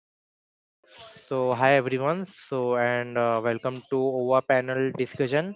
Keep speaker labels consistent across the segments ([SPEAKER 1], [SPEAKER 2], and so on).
[SPEAKER 1] hi. Hi everyone. So, and Welcome to our panel discussion.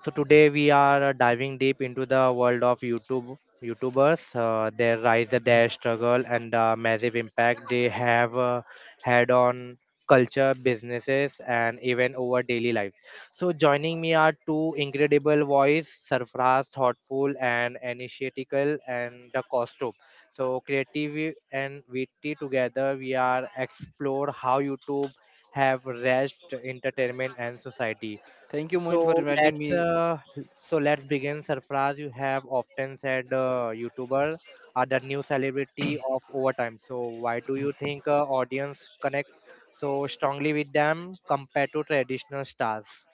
[SPEAKER 1] So today we are diving deep into the world of YouTubers, their rise, their struggle, and the massive impact they have had on culture, businesses, and even our daily life. So, joining me are two incredible voices, Sarfraz, thoughtful, and initiatical, and the costume. So creative and VT together, we are explore how YouTube have reached entertainment and society.
[SPEAKER 2] Thank you, Moin, for
[SPEAKER 1] So
[SPEAKER 2] inviting
[SPEAKER 1] let's
[SPEAKER 2] me.
[SPEAKER 1] uh, so let's begin. Surprise, you have often said YouTuber are the new celebrity of overtime. So why do you think audience connect so strongly with them compared to traditional stars?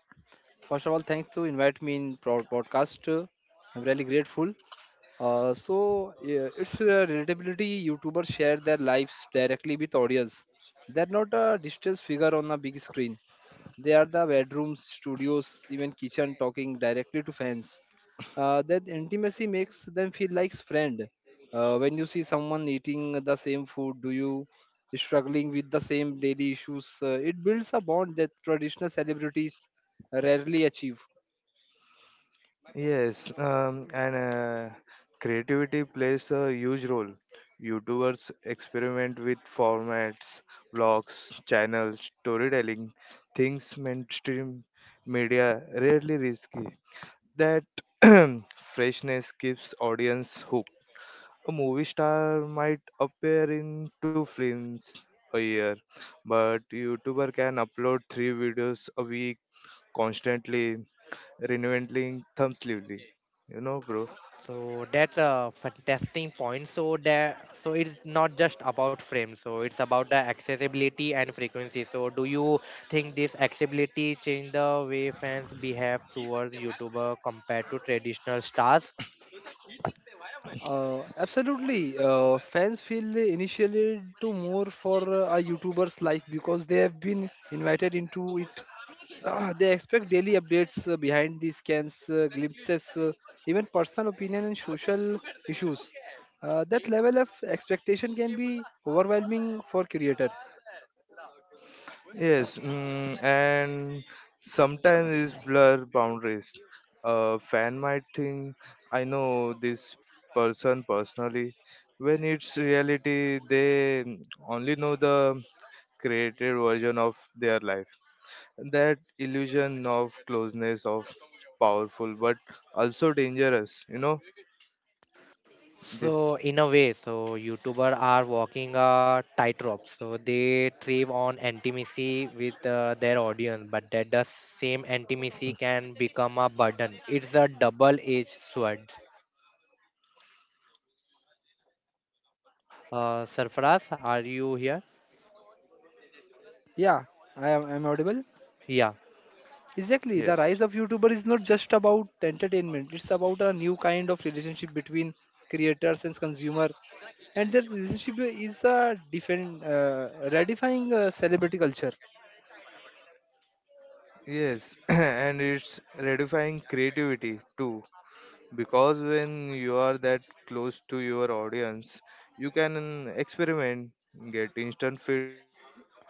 [SPEAKER 2] First of all, thanks to invite me in podcast. I'm really grateful. So yeah, it's relatability. YouTubers share their lives directly with audience. They're not a distressed figure on a big screen. They are the bedrooms, studios, even kitchen, talking directly to fans. That intimacy makes them feel like friend. When you see someone eating the same food, do you struggling with the same daily issues, it builds a bond that traditional celebrities rarely achieve.
[SPEAKER 3] Yes, and Creativity plays a huge role. YouTubers experiment with formats, vlogs, channels, storytelling, things mainstream media rarely risky. That freshness keeps audience hooked. A movie star might appear in two films a year, but YouTuber can upload three videos a week constantly, renewing thumbsively. You know, bro.
[SPEAKER 1] So that's a fantastic point. So it's not just about frame. So it's about the accessibility and frequency. So do you think this accessibility change the way fans behave towards YouTuber compared to traditional stars?
[SPEAKER 2] Absolutely. Fans feel initially to more for a youtuber's life because they have been invited into it. They expect daily updates, behind the scans, glimpses, even personal opinion and social issues. That level of expectation can be overwhelming for creators.
[SPEAKER 3] Yes, mm, and sometimes it's blur boundaries. A fan might think I know this person personally. When it's reality, they only know the created version of their life. That illusion of closeness of powerful but also dangerous. This.
[SPEAKER 1] So in a way, so YouTuber are walking a tightrope. So they thrive on intimacy with their audience, but that the same intimacy can become a burden. It's a double-edged sword. Sarfaraz, are you here?
[SPEAKER 2] Yeah, I'm audible.
[SPEAKER 1] Yeah.
[SPEAKER 2] Exactly, the
[SPEAKER 3] Yes,
[SPEAKER 2] rise of YouTuber is not just about entertainment. It's about a new kind of relationship between creators and consumer, and that relationship is a different, redefining celebrity culture.
[SPEAKER 3] yes, and it's redifying creativity too, because when you are that close to your audience, you can experiment, get instant feedback,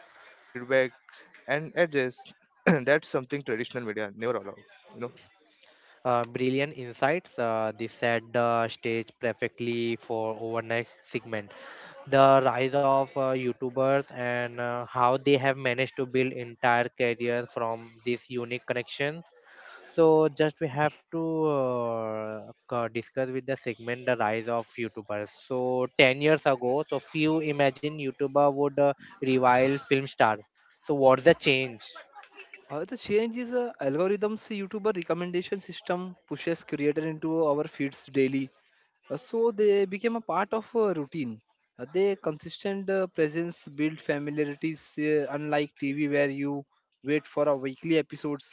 [SPEAKER 3] and adjust. That's something traditional media never allow you know
[SPEAKER 1] Brilliant insights. This set the stage perfectly for overnight segment. The rise of YouTubers and how they have managed to build entire careers from this unique connection. So just we have to discuss with the segment the rise of YouTubers. So 10 years ago, so few imagine YouTuber would revile film star. So what's the change?
[SPEAKER 2] The change is algorithms. YouTuber recommendation system pushes creator into our feeds daily. So they became a part of a routine. Their consistent presence build familiarities, unlike TV where you wait for a weekly episodes.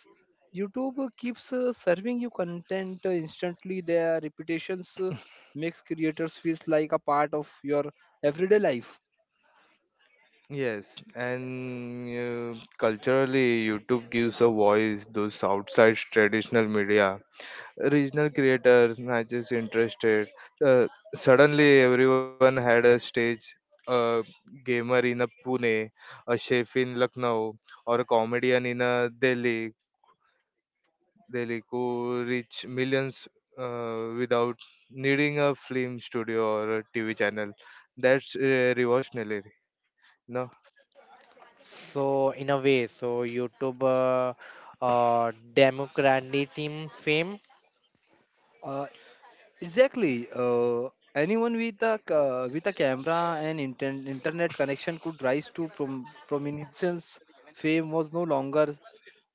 [SPEAKER 2] YouTube keeps serving you content instantly. Their reputations makes creators feels like a part of your everyday life.
[SPEAKER 3] Yes, and culturally, YouTube gives a voice those outside traditional media. Regional creators, matches interested. Uh, Suddenly, everyone had a stage. A gamer in a Pune, a chef in Lucknow, or a comedian in a Delhi. Delhi could reach millions without needing a film studio or a TV channel. That's revolutionary. No.
[SPEAKER 1] So in a way, so YouTube democratizing fame.
[SPEAKER 2] Uh, Exactly. Anyone with a with a camera and internet connection could rise to prominence. Fame was no longer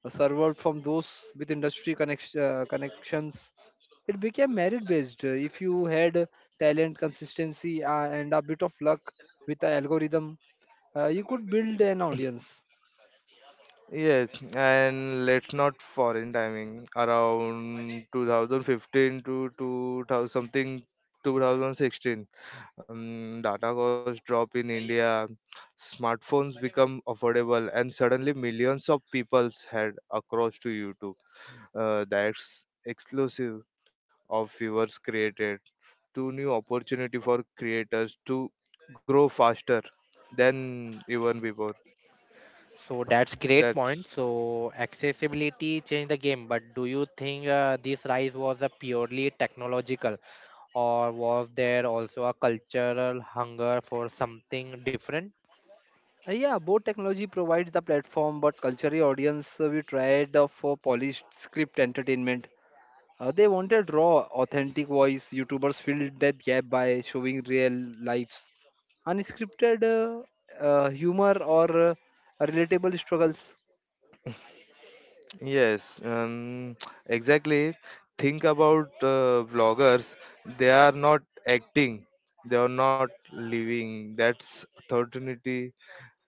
[SPEAKER 2] served from those with industry connection, connections. It became merit based. If you had talent, consistency, and a bit of luck with the algorithm, you could build an audience.
[SPEAKER 3] Yes, and let's not foreign timing around 2015 to 2000 something 2016. Data costs drop in India, smartphones become affordable, and suddenly millions of people's head across to YouTube. That's explosive of viewers created to new opportunity for creators to grow faster than even before.
[SPEAKER 1] So that's great
[SPEAKER 3] That.
[SPEAKER 1] point. So accessibility changed the game, but do you think this rise was a purely technological, or was there also a cultural hunger for something different?
[SPEAKER 2] Yeah, both technology provides the platform, but culturally, audience we tried for polished script entertainment. They wanted raw, authentic voice. YouTubers filled that gap by showing real lives, unscripted humor, or relatable struggles.
[SPEAKER 3] Yes, exactly. Think about vloggers. They are not acting. They are not living. That's authority.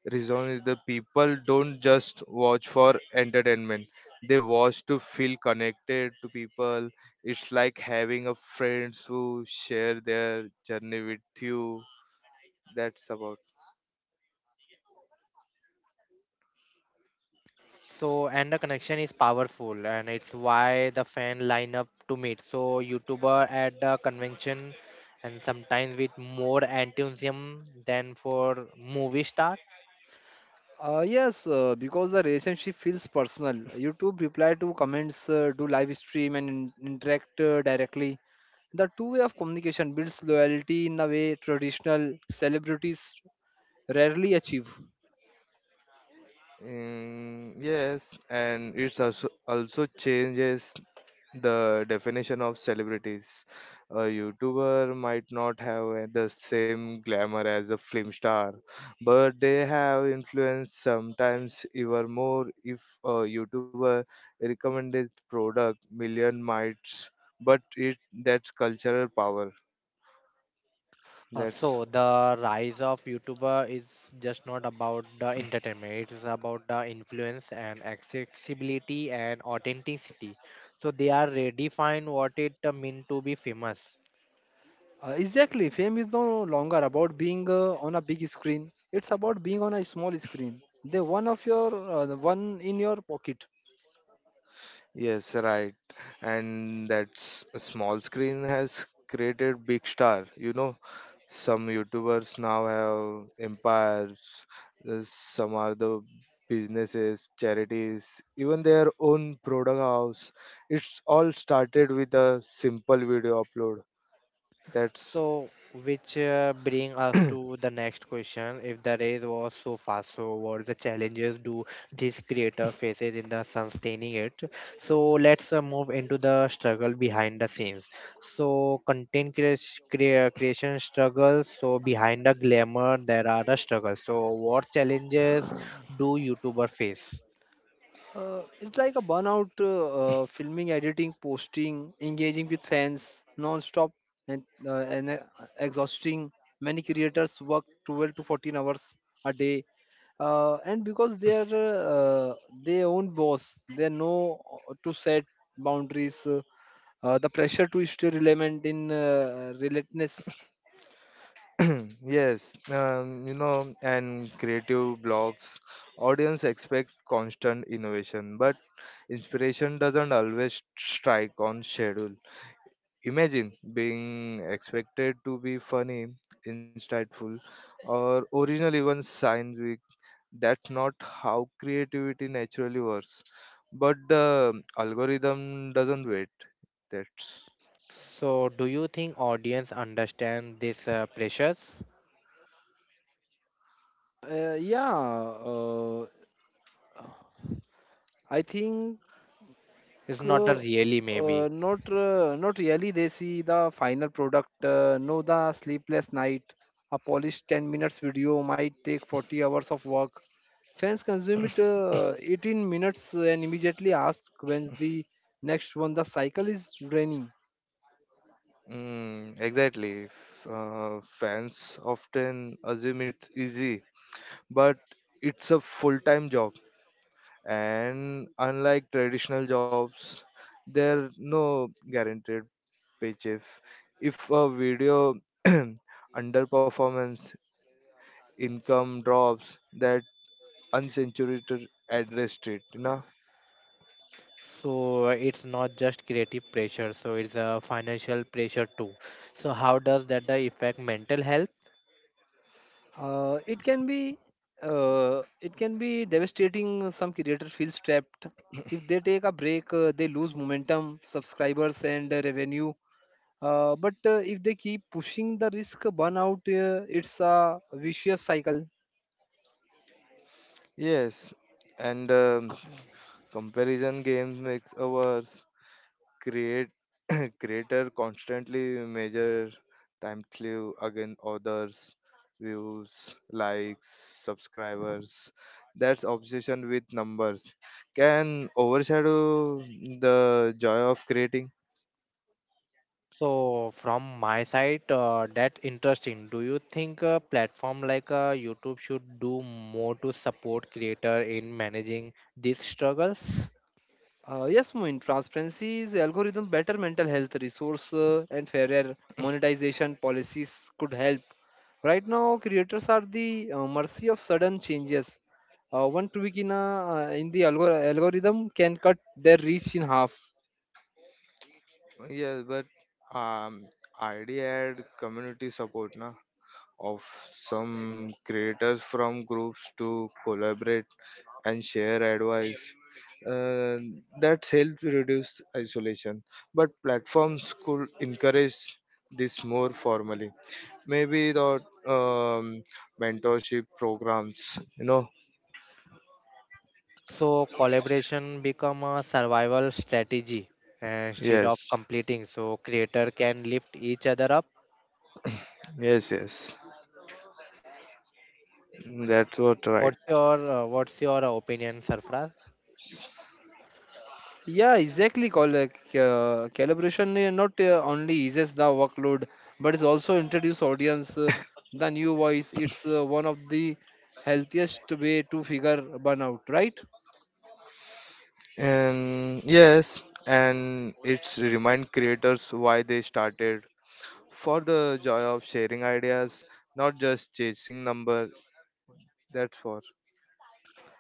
[SPEAKER 3] Reason is the people don't just watch for entertainment. They watch to feel connected to people. It's like having a friends who share their journey with you. That's about.
[SPEAKER 1] So, and the connection is powerful, and it's why the fan line up to meet. So, YouTuber at the convention, and sometimes with more enthusiasm than for movie star.
[SPEAKER 2] Yes, because the relationship feels personal. YouTube reply to comments, do live stream, and interact directly. The two way of communication builds loyalty in a way traditional celebrities rarely achieve.
[SPEAKER 3] Mm, yes, and it's also changes the definition of celebrities. A YouTuber might not have the same glamour as a film star, but they have influence sometimes even more. If a YouTuber recommended product million might, but it, that's cultural power.
[SPEAKER 1] Uh,
[SPEAKER 3] That's.
[SPEAKER 1] so, the rise of YouTuber is just not about the entertainment; it's about the influence and accessibility and authenticity. So they are redefined what it mean to be famous.
[SPEAKER 2] Exactly. Fame is no longer about being on a big screen. It's about being on a small screen. The one in your pocket.
[SPEAKER 3] Yes, right. And that small screen has created big star. You know, some YouTubers now have empires, some are the businesses, charities, even their own product house. It's all started with a simple video upload. That's.
[SPEAKER 1] So which bring us to the next question. If the race was so fast, so what the challenges do this creator faces in the sustaining it? So let's move into the struggle behind the scenes. So content creation struggles. So behind the glamour, there are the struggles. So what challenges do YouTuber face?
[SPEAKER 2] It's like a burnout, filming, editing, posting, engaging with fans non-stop and exhausting. Many creators work 12 to 14 hours a day. And because they are own boss, they know to set boundaries. The pressure to stay relevant in relentless.
[SPEAKER 3] Yes, you know, and creative blogs, audience expect constant innovation, but inspiration doesn't always strike on schedule. Imagine being expected to be funny, insightful, or original even scientific. That's not how creativity naturally works. But the algorithm doesn't wait. That's.
[SPEAKER 1] So do you think audience understand this pressures?
[SPEAKER 2] Yeah, uh, I think
[SPEAKER 1] It's not a really maybe.
[SPEAKER 2] not not really. They see the final product. No, the sleepless night. A polished 10 minutes video might take 40 hours of work. Fans consume it 18 minutes and immediately ask when's the next one. The cycle is draining.
[SPEAKER 3] Mm, exactly. Fans often assume it's easy, but it's a full time job. And unlike traditional jobs, there are no guaranteed paycheck. If a video underperformance income drops, that unsaturated address it. You know?
[SPEAKER 1] So it's not just creative pressure, so it's a financial pressure too. So how does that affect mental health?
[SPEAKER 2] Uh, it can be it can be devastating. Some creator feels trapped. If they take a break, they lose momentum, subscribers, and revenue. But if they keep pushing the risk burnout, it's a vicious cycle.
[SPEAKER 3] Yes, and comparison games makes ours. Create creator constantly measure time slew against others, views, likes, subscribers. That's obsession with numbers can overshadow the joy of creating.
[SPEAKER 1] So from my side, that's interesting. Do you think a platform like YouTube should do more to support creator in managing these struggles?
[SPEAKER 2] Yes, Moin, transparency is algorithm better mental health resource and fairer monetization policies could help. Right now, creators are the mercy of sudden changes. One tweak in, a, in the algorithm can cut their reach in half.
[SPEAKER 3] Yes, but um, id had community support na of some creators from groups to collaborate and share advice, uh, that helps reduce isolation, but platforms could encourage this more formally, maybe the um, mentorship programs. You know?
[SPEAKER 1] So collaboration become a survival strategy instead of
[SPEAKER 3] yes
[SPEAKER 1] completing. So creator can lift each other up.
[SPEAKER 3] yes yes That's what right.
[SPEAKER 1] What's your opinion, Sarfraz?
[SPEAKER 2] Yeah, exactly. Call, calibration not only eases the workload, but it's also introduce audience the new voice. It's one of the healthiest way to figure burnout, right?
[SPEAKER 3] And yes, and it's remind creators why they started for the joy of sharing ideas, not just chasing number. That's for.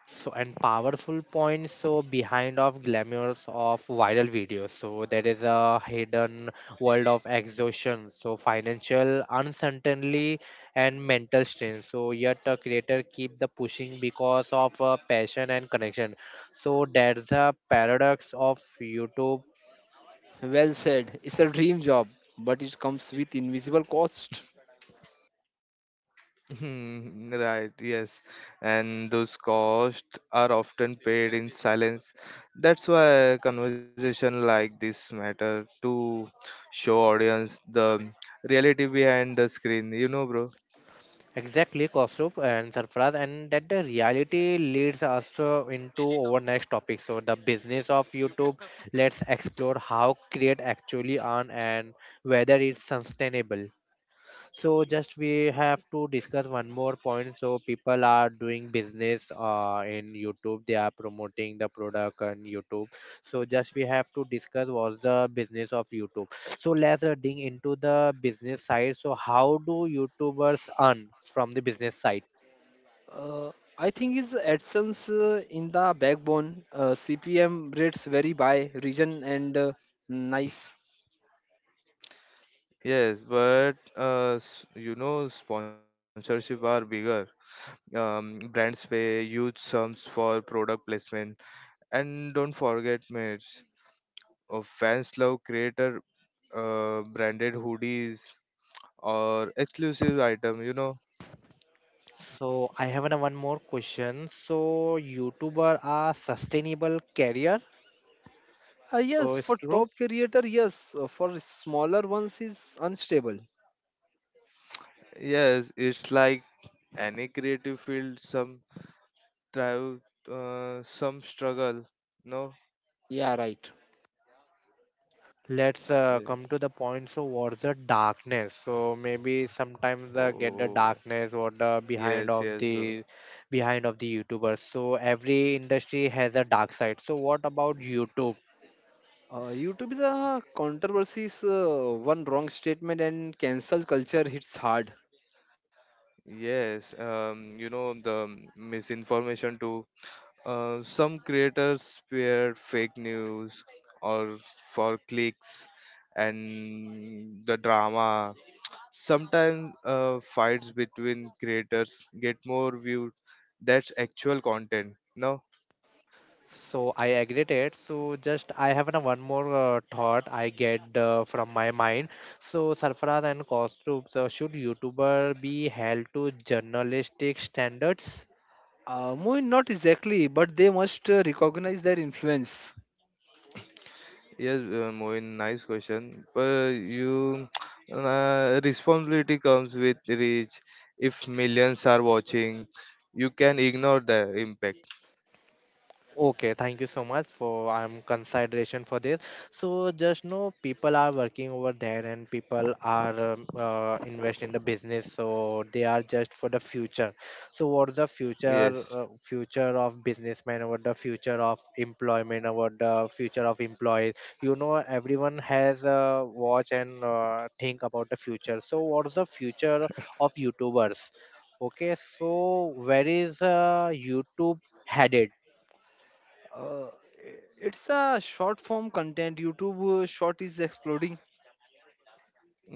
[SPEAKER 1] So and powerful points, so behind of glamours of viral videos, so there is a hidden world of exhaustion, so financial uncertainty and mental strain, so yet a creator keep the pushing because of passion and connection, so there's a paradox of YouTube.
[SPEAKER 2] Well said. It's a dream job, but it comes with invisible cost.
[SPEAKER 3] Hmm, right, yes. And those costs are often paid in silence. That's why conversation like this matter to show audience the reality behind the screen, you know, bro.
[SPEAKER 1] Exactly, Kaustubh and Sarfaraz, and that the reality leads us into our next topic. So, the business of YouTube. Let's explore how create actually earn and whether it's sustainable. So just we have to discuss one more point. So people are doing business in YouTube. They are promoting the product on YouTube. So just we have to discuss what's the business of YouTube. So let's dig into the business side. So how do YouTubers earn from the business side?
[SPEAKER 2] Uh, I think is AdSense in the backbone. CPM rates vary by region and nice.
[SPEAKER 3] Yes, but you know, sponsorship are bigger. Brands pay huge sums for product placement, and don't forget, mates. Fans love creator branded hoodies or exclusive item. You know,
[SPEAKER 1] So I have one more question. So YouTuber are sustainable career. So
[SPEAKER 2] Yes,
[SPEAKER 1] it's
[SPEAKER 2] for
[SPEAKER 1] true.
[SPEAKER 2] top creator, yes. For smaller ones, is unstable.
[SPEAKER 3] yes, it's like any creative field. Some thrive, some struggle. No.
[SPEAKER 2] Yeah, right.
[SPEAKER 1] Let's
[SPEAKER 3] Yeah.
[SPEAKER 1] come to the point. So what's the darkness? So maybe sometimes get the
[SPEAKER 3] Oh.
[SPEAKER 1] darkness or the behind
[SPEAKER 3] Yes.
[SPEAKER 1] of
[SPEAKER 3] Yes, bro.
[SPEAKER 1] the behind of the YouTubers. So every industry has a dark side. So what about YouTube?
[SPEAKER 2] YouTube is a controversy. Is, one wrong statement and cancel culture hits hard.
[SPEAKER 3] Yes, you know the misinformation too. Some creators spread fake news or for clicks and the drama. Sometimes fights between creators get more views. That's actual content. No,
[SPEAKER 1] So I agree it. So just I have a one more thought I get from my mind. So Sarfaraz and Kostup, so should YouTuber be held to journalistic standards?
[SPEAKER 2] Mohin, not exactly, but they must recognize their influence.
[SPEAKER 3] yes, Moin, nice question. But you, responsibility comes with reach. If millions are watching, you can ignore the impact.
[SPEAKER 1] Okay, thank you so much for consideration for this. So just know people are working over there and people are invest in the business. So they are just for the future. So what's the future
[SPEAKER 3] Yes.
[SPEAKER 1] future of businessman? What the future of employment? What the future of employees? You know, everyone has a watch and think about the future. So what's the future of YouTubers? Okay, so where is YouTube headed?
[SPEAKER 2] Uh, it's a short form content. YouTube short is exploding.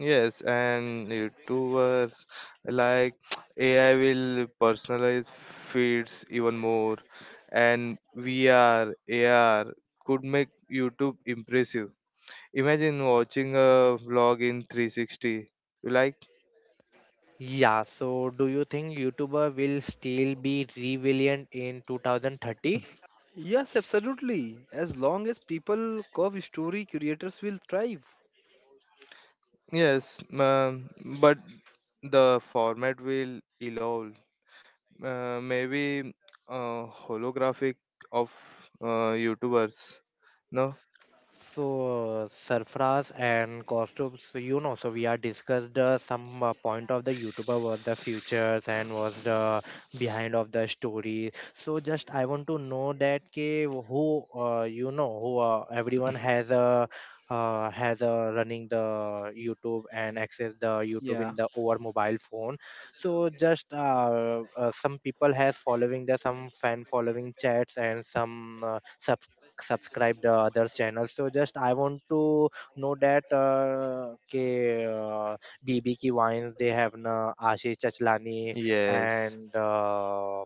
[SPEAKER 3] Yes, and YouTubers like AI will personalize feeds even more, and VR, AR could make YouTube impressive. Imagine watching a vlog in 360. You like?
[SPEAKER 1] Yeah, so do you think YouTuber will still be relevant in 2030?
[SPEAKER 2] Yes, absolutely. As long as people curve story, creators will thrive.
[SPEAKER 3] Yes, but the format will evolve. Maybe holographic of YouTubers. No?
[SPEAKER 1] So, Sarfaraz and costumes, you know, so we are discussed some point of the YouTuber was the futures and was the behind of the story. So just I want to know that ke, who you know who everyone has a running the YouTube and access the YouTube in
[SPEAKER 2] Yeah.
[SPEAKER 1] the over mobile phone. So just some people has following the some fan following chats and some subscribed others channels, so just I want to know that uh, bb ki wines they have na ashish chachlani
[SPEAKER 3] Yes,
[SPEAKER 1] and uh,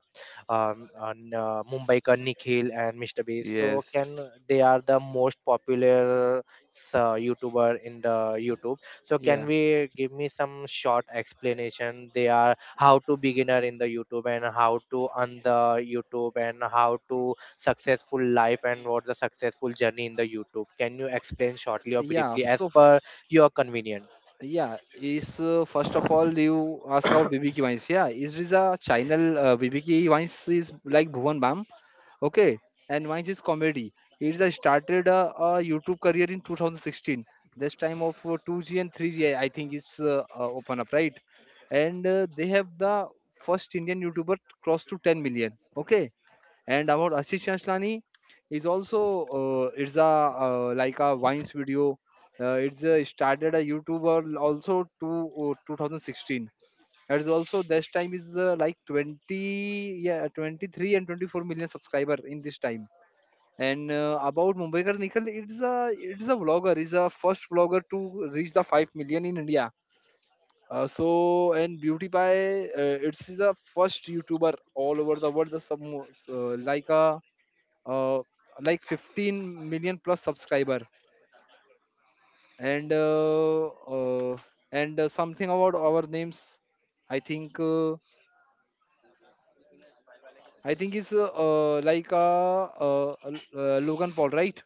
[SPEAKER 1] um, and, uh, mumbai ka nikhil and mr beast so
[SPEAKER 3] yes.
[SPEAKER 1] can they are the most popular youtuber in the youtube, so can
[SPEAKER 2] Yeah,
[SPEAKER 1] we give me some short explanation they are how to beginner in the youtube and how to on the youtube and how to successful life and what's the successful journey in the YouTube? Can you explain shortly or
[SPEAKER 2] yeah.
[SPEAKER 1] briefly as
[SPEAKER 2] So
[SPEAKER 1] per your convenient?
[SPEAKER 2] yeah, is first of all you ask about BBQ wines. Yeah, is this a channel BBQ wines is like Bhuvan Bam. Okay, and wines is comedy. He's started a YouTube career in 2016. This time of 2G and 3G, I think it's open up, right, and they have the first Indian YouTuber close to 10 million. Okay, and about Ashish Ashlani is also it's a like a Vines video. It's started a YouTuber also to 2016. That is also this time is like 20 yeah 23 and 24 million subscriber in this time. And about Mumbaikar Nikhil, it's a vlogger. It's a first vlogger to reach the 5 million in India. So and Beauty Pie, it's the first YouTuber all over the world. The some uh, like 15 million plus subscriber, and uh, uh, and something about our names. I think uh, i think is Logan Paul, right?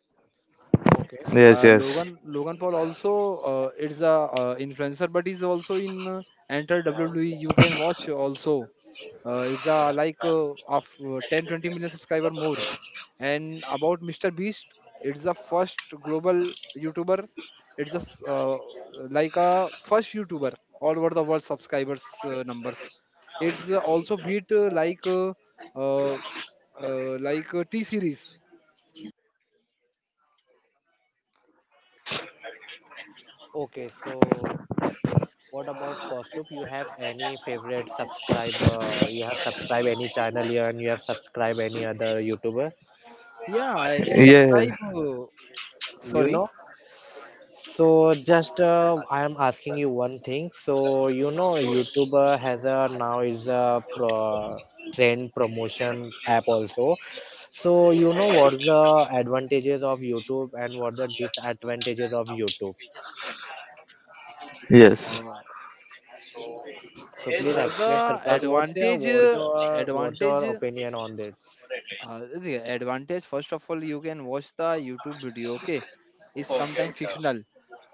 [SPEAKER 1] Okay,
[SPEAKER 3] Yes,
[SPEAKER 2] uh,
[SPEAKER 3] yes.
[SPEAKER 2] logan logan Paul also is a influencer, but he's also in enter WWE, you can watch also. It's a like of 10 20 million subscriber more. And about Mr. Beast, it's the first global youtuber. It's just like a first youtuber all over the world subscribers numbers. It's also beat uh, T Series.
[SPEAKER 3] Yes.
[SPEAKER 1] okay. So what about Kostup? You have any favorite subscriber? You have subscribed any channel here, and you have subscribed any other YouTuber?
[SPEAKER 2] Yeah, I can
[SPEAKER 3] Yeah,
[SPEAKER 2] subscribe,
[SPEAKER 1] You
[SPEAKER 2] sorry.
[SPEAKER 1] know? So just I am asking you one thing. So you know YouTuber has a now is a trend promotion app also. So you know what the advantages of YouTube and what the disadvantages of YouTube.
[SPEAKER 3] yes.
[SPEAKER 2] uh,
[SPEAKER 1] So please
[SPEAKER 2] uh,
[SPEAKER 1] explain,
[SPEAKER 2] the
[SPEAKER 1] Sarfraz, what's your
[SPEAKER 2] advantage
[SPEAKER 1] what's
[SPEAKER 2] uh,
[SPEAKER 1] your what's
[SPEAKER 2] advantage
[SPEAKER 1] your opinion on this?
[SPEAKER 2] the advantage, first of all, you can watch the youtube video. Okay, it's sometimes fictional,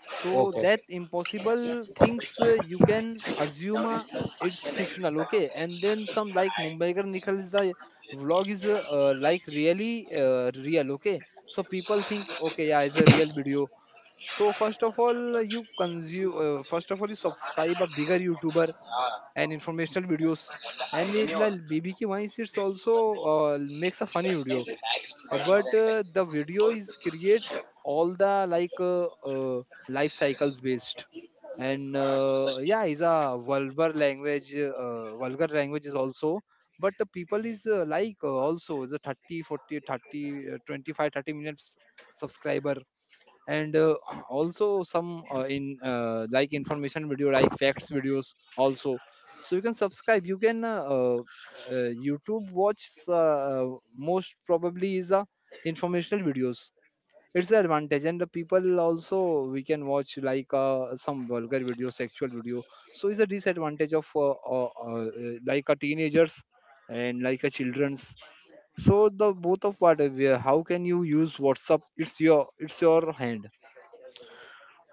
[SPEAKER 2] so
[SPEAKER 1] Okay,
[SPEAKER 2] that impossible things you can assume, it's fictional, okay. And then some like Mumbaikar Nikhil is the vlog is like really real, okay, so people think okay yeah it's a real video. So first of all you consume, first of all you subscribe a bigger youtuber and informational videos, and it like BBQ mice, it's also makes a funny video. But the video is create all the like life cycles based. And yeah is a vulgar language, vulgar language is also. But the people is like also the 30 40 30, 25 30 minutes subscriber. And also some in like information video, like facts videos also. So you can subscribe, you can youtube watch, most probably is a informational videos. It's the advantage. And the people also we can watch like some vulgar video sexual video. So it's a disadvantage of like a teenagers and like a children's. So the both of what, how can you use whatsapp, it's your hand.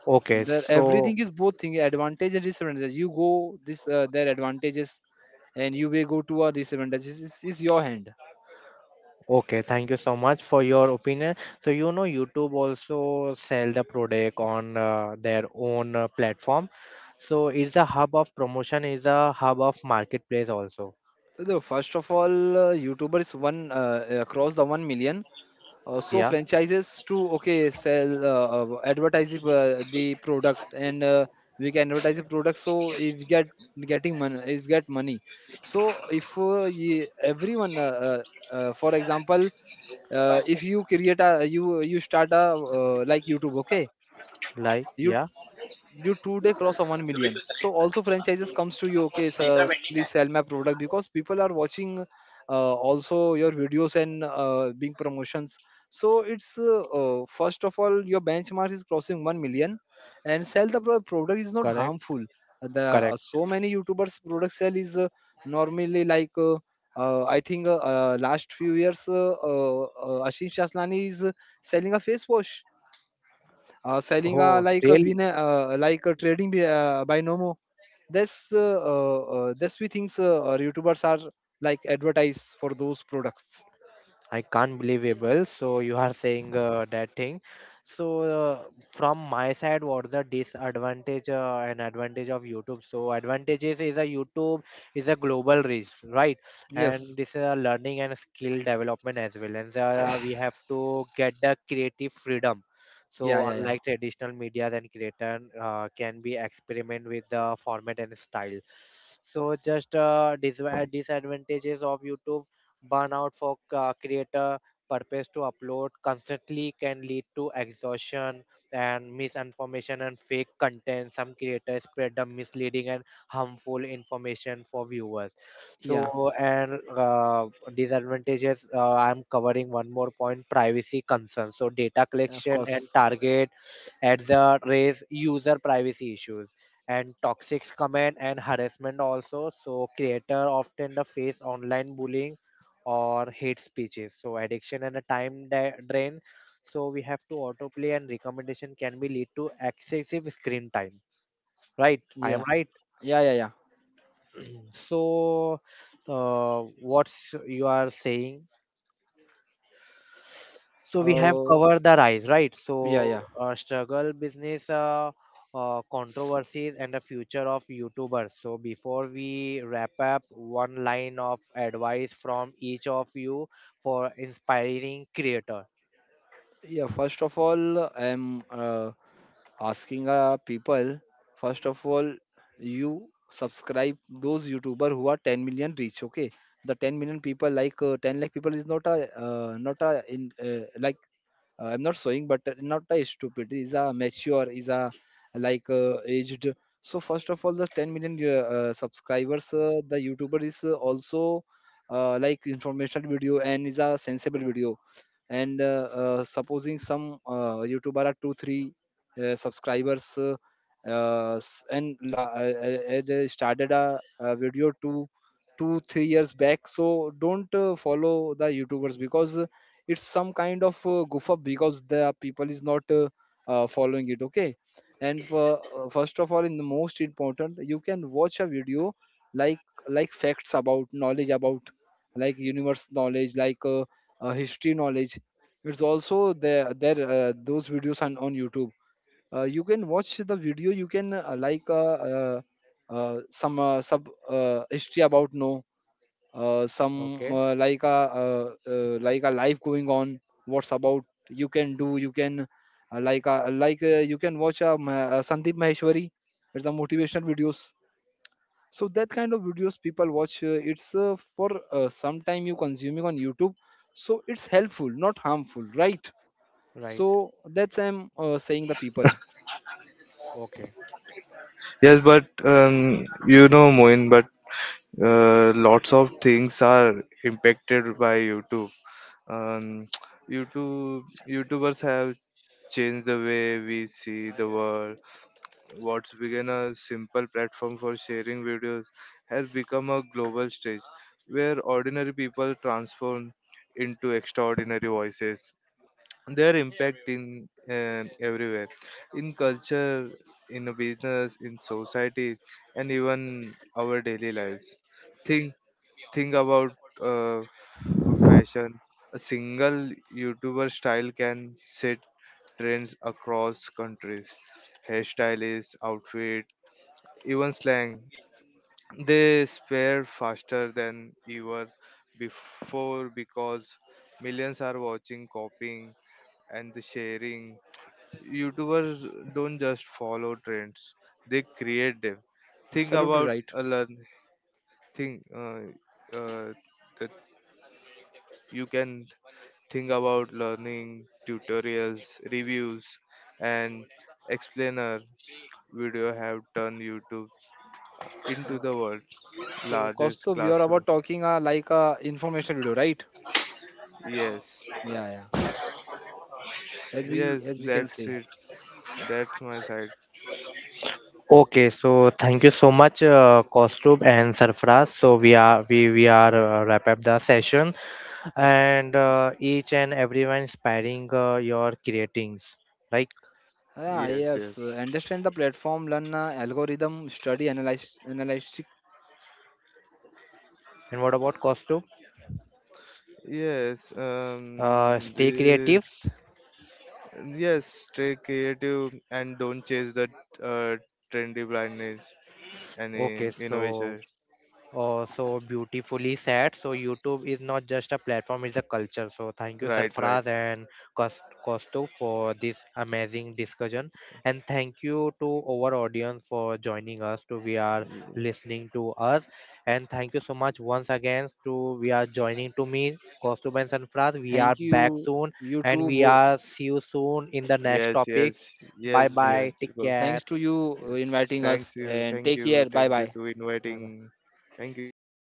[SPEAKER 1] okay.
[SPEAKER 2] There
[SPEAKER 1] So
[SPEAKER 2] everything is both thing advantage and disadvantage, you go this their advantages and you may go to our disadvantages is your hand.
[SPEAKER 1] okay, thank you so much for your opinion. So you know YouTube also sell the product on their own platform. So it's a hub of promotion, is a hub of marketplace also.
[SPEAKER 2] So, the first of all, youtuber is one across the 1 million, so
[SPEAKER 1] Yeah,
[SPEAKER 2] franchises to okay sell, advertise the product, and we can advertise the product. So if get, getting money, if get money, so if everyone for example, if you you start a like youtube, okay.
[SPEAKER 1] like
[SPEAKER 2] you
[SPEAKER 1] yeah,
[SPEAKER 2] you two-day cross a 1 million, so also franchises comes to you, okay sir please sell my product because people are watching also your videos and being promotions. So it's first of all your benchmark is crossing 1 million, and sell the product is not
[SPEAKER 1] correct,
[SPEAKER 2] harmful. The
[SPEAKER 1] correct.
[SPEAKER 2] so many youtubers product sell is normally like I think last few years Ashish Aslani is selling a face wash, selling
[SPEAKER 1] Oh, really?
[SPEAKER 2] like a trading Binomo. That's that's we think youtubers are like advertise for those products.
[SPEAKER 1] I can't believable. So you are saying that thing. So from my side, what's the disadvantage and advantage of YouTube? So advantages is a YouTube is a global reach, right? And
[SPEAKER 2] Yes,
[SPEAKER 1] this is a learning and skill development as well. And we have to get the creative freedom.
[SPEAKER 2] yeah
[SPEAKER 1] So
[SPEAKER 2] yeah yeah.
[SPEAKER 1] unlike traditional media, and creator can be experiment with the format and style. So just disadvantages of YouTube. Burnout for creator purpose to upload constantly can lead to exhaustion, and misinformation and fake content. Some creators spread the misleading and harmful information for viewers.
[SPEAKER 2] Yeah,
[SPEAKER 1] So and Disadvantages. I'm covering one more point: privacy concerns. So data
[SPEAKER 2] of
[SPEAKER 1] collection and
[SPEAKER 2] course.
[SPEAKER 1] target ads raise user privacy issues, and toxic comment and harassment also, so creator often the face online bullying or hate speeches. So addiction and a drain. So we have to autoplay and recommendation can be lead to excessive screen time. Right? I am
[SPEAKER 2] Yeah,
[SPEAKER 1] right.
[SPEAKER 2] yeah, yeah, yeah.
[SPEAKER 1] So what's you are saying? So we have
[SPEAKER 2] uh,
[SPEAKER 1] covered the rise, right?
[SPEAKER 2] yeah,
[SPEAKER 1] So
[SPEAKER 2] yeah.
[SPEAKER 1] uh, struggle, business, controversies, and the future of YouTubers. So before we wrap up, one line of advice from each of you for inspiring creator.
[SPEAKER 2] Yeah, first of all, I'm asking people, first of all, you subscribe those YouTuber who are 10 million reach. Okay, the 10 million people like 10 lakh people is not a not a in I'm not showing, but not a stupid. Is a mature. Is a like aged. So first of all, the 10 million subscribers, the YouTuber is also like informational video and is a sensible video. And supposing some youtuber are 2 3 subscribers, as I started a video 2 2 3 years back, so don't follow the youtubers because it's some kind of goof up, because the people is not following it, okay. And for first of all, in the most important, you can watch a video like like facts about knowledge about like universe knowledge, like history knowledge. It's also there, those videos on youtube. You can watch the video, you can like some sub history about, no, some
[SPEAKER 1] Okay,
[SPEAKER 2] like a life going on, what's about. You can do, you can like a like you can watch a, Sandeep Maheshwari, it's a motivational videos. So that kind of videos people watch, it's for some time you consuming on youtube. So it's helpful, not harmful, right?
[SPEAKER 1] right.
[SPEAKER 2] So that's I'm saying the people.
[SPEAKER 1] Okay.
[SPEAKER 3] Yes, but you know, Moin, but lots of things are impacted by YouTube. Um, YouTube, YouTubers have changed the way we see the world. What's begun a simple platform for sharing videos has become a global stage where ordinary people transform into extraordinary voices. Their impact in everywhere, in culture, in a business, in society, and even our daily lives. think think about fashion. A single youtuber style can set trends across countries, hairstylists, outfit, even slang. They spare faster than ever before because millions are watching, copying, and the sharing. YouTubers don't just follow trends; they create them. Think
[SPEAKER 2] Absolutely
[SPEAKER 3] about
[SPEAKER 2] right.
[SPEAKER 3] a learn. Think uh, that you can Think about learning tutorials, reviews, and explainer video have turned YouTube into
[SPEAKER 2] Uh,
[SPEAKER 3] the world's
[SPEAKER 2] so
[SPEAKER 3] largest
[SPEAKER 2] Kaustubh, you are
[SPEAKER 3] classroom.
[SPEAKER 2] about talking like a information video, right?
[SPEAKER 3] Yes,
[SPEAKER 2] Yeah, yeah. As
[SPEAKER 3] yes,
[SPEAKER 2] we can
[SPEAKER 3] that's
[SPEAKER 2] say.
[SPEAKER 3] it. That's my side.
[SPEAKER 1] Okay, so thank you so much, Kaustubh and Sarfaraz. So we are wrap up the session, and each and everyone inspiring your creatings, right?
[SPEAKER 2] Ah,
[SPEAKER 3] Yes,
[SPEAKER 2] yes.
[SPEAKER 3] yes.
[SPEAKER 2] Understand the platform, learn algorithm, study, analyze, analytic.
[SPEAKER 1] And what about Kaustubh?
[SPEAKER 3] Yes,
[SPEAKER 1] Stay
[SPEAKER 3] the.
[SPEAKER 1] creatives.
[SPEAKER 3] Yes, stay creative and don't chase the uh, trendy blindness and
[SPEAKER 1] Okay, so
[SPEAKER 3] innovation.
[SPEAKER 1] oh, so beautifully said. So YouTube is not just a platform, it's a culture. So thank you,
[SPEAKER 3] Right, right.
[SPEAKER 1] Sarfaraz and Kostu for this amazing discussion. And thank you to our audience for joining us to we are
[SPEAKER 3] Mm,
[SPEAKER 1] listening to us. And thank you so much once again to we are joining to me, Kostu and Sarfaraz. We
[SPEAKER 2] Thank
[SPEAKER 1] are back
[SPEAKER 2] you,
[SPEAKER 1] soon
[SPEAKER 2] you
[SPEAKER 1] and
[SPEAKER 2] too.
[SPEAKER 1] we
[SPEAKER 2] Bo.
[SPEAKER 1] are see you soon in the next
[SPEAKER 3] yes, yes,
[SPEAKER 1] topics. Bye
[SPEAKER 3] yes,
[SPEAKER 1] bye.
[SPEAKER 2] Thank,
[SPEAKER 3] yes,
[SPEAKER 1] Take
[SPEAKER 3] bro.
[SPEAKER 1] care.
[SPEAKER 2] thanks to you
[SPEAKER 3] Yes.
[SPEAKER 2] inviting us,
[SPEAKER 3] Thanks you.
[SPEAKER 2] and
[SPEAKER 3] Thank
[SPEAKER 2] take
[SPEAKER 3] you.
[SPEAKER 2] care. Bye,
[SPEAKER 3] Thank you
[SPEAKER 2] bye.
[SPEAKER 3] to
[SPEAKER 1] Bye bye.
[SPEAKER 3] inviting. Thank you, bro.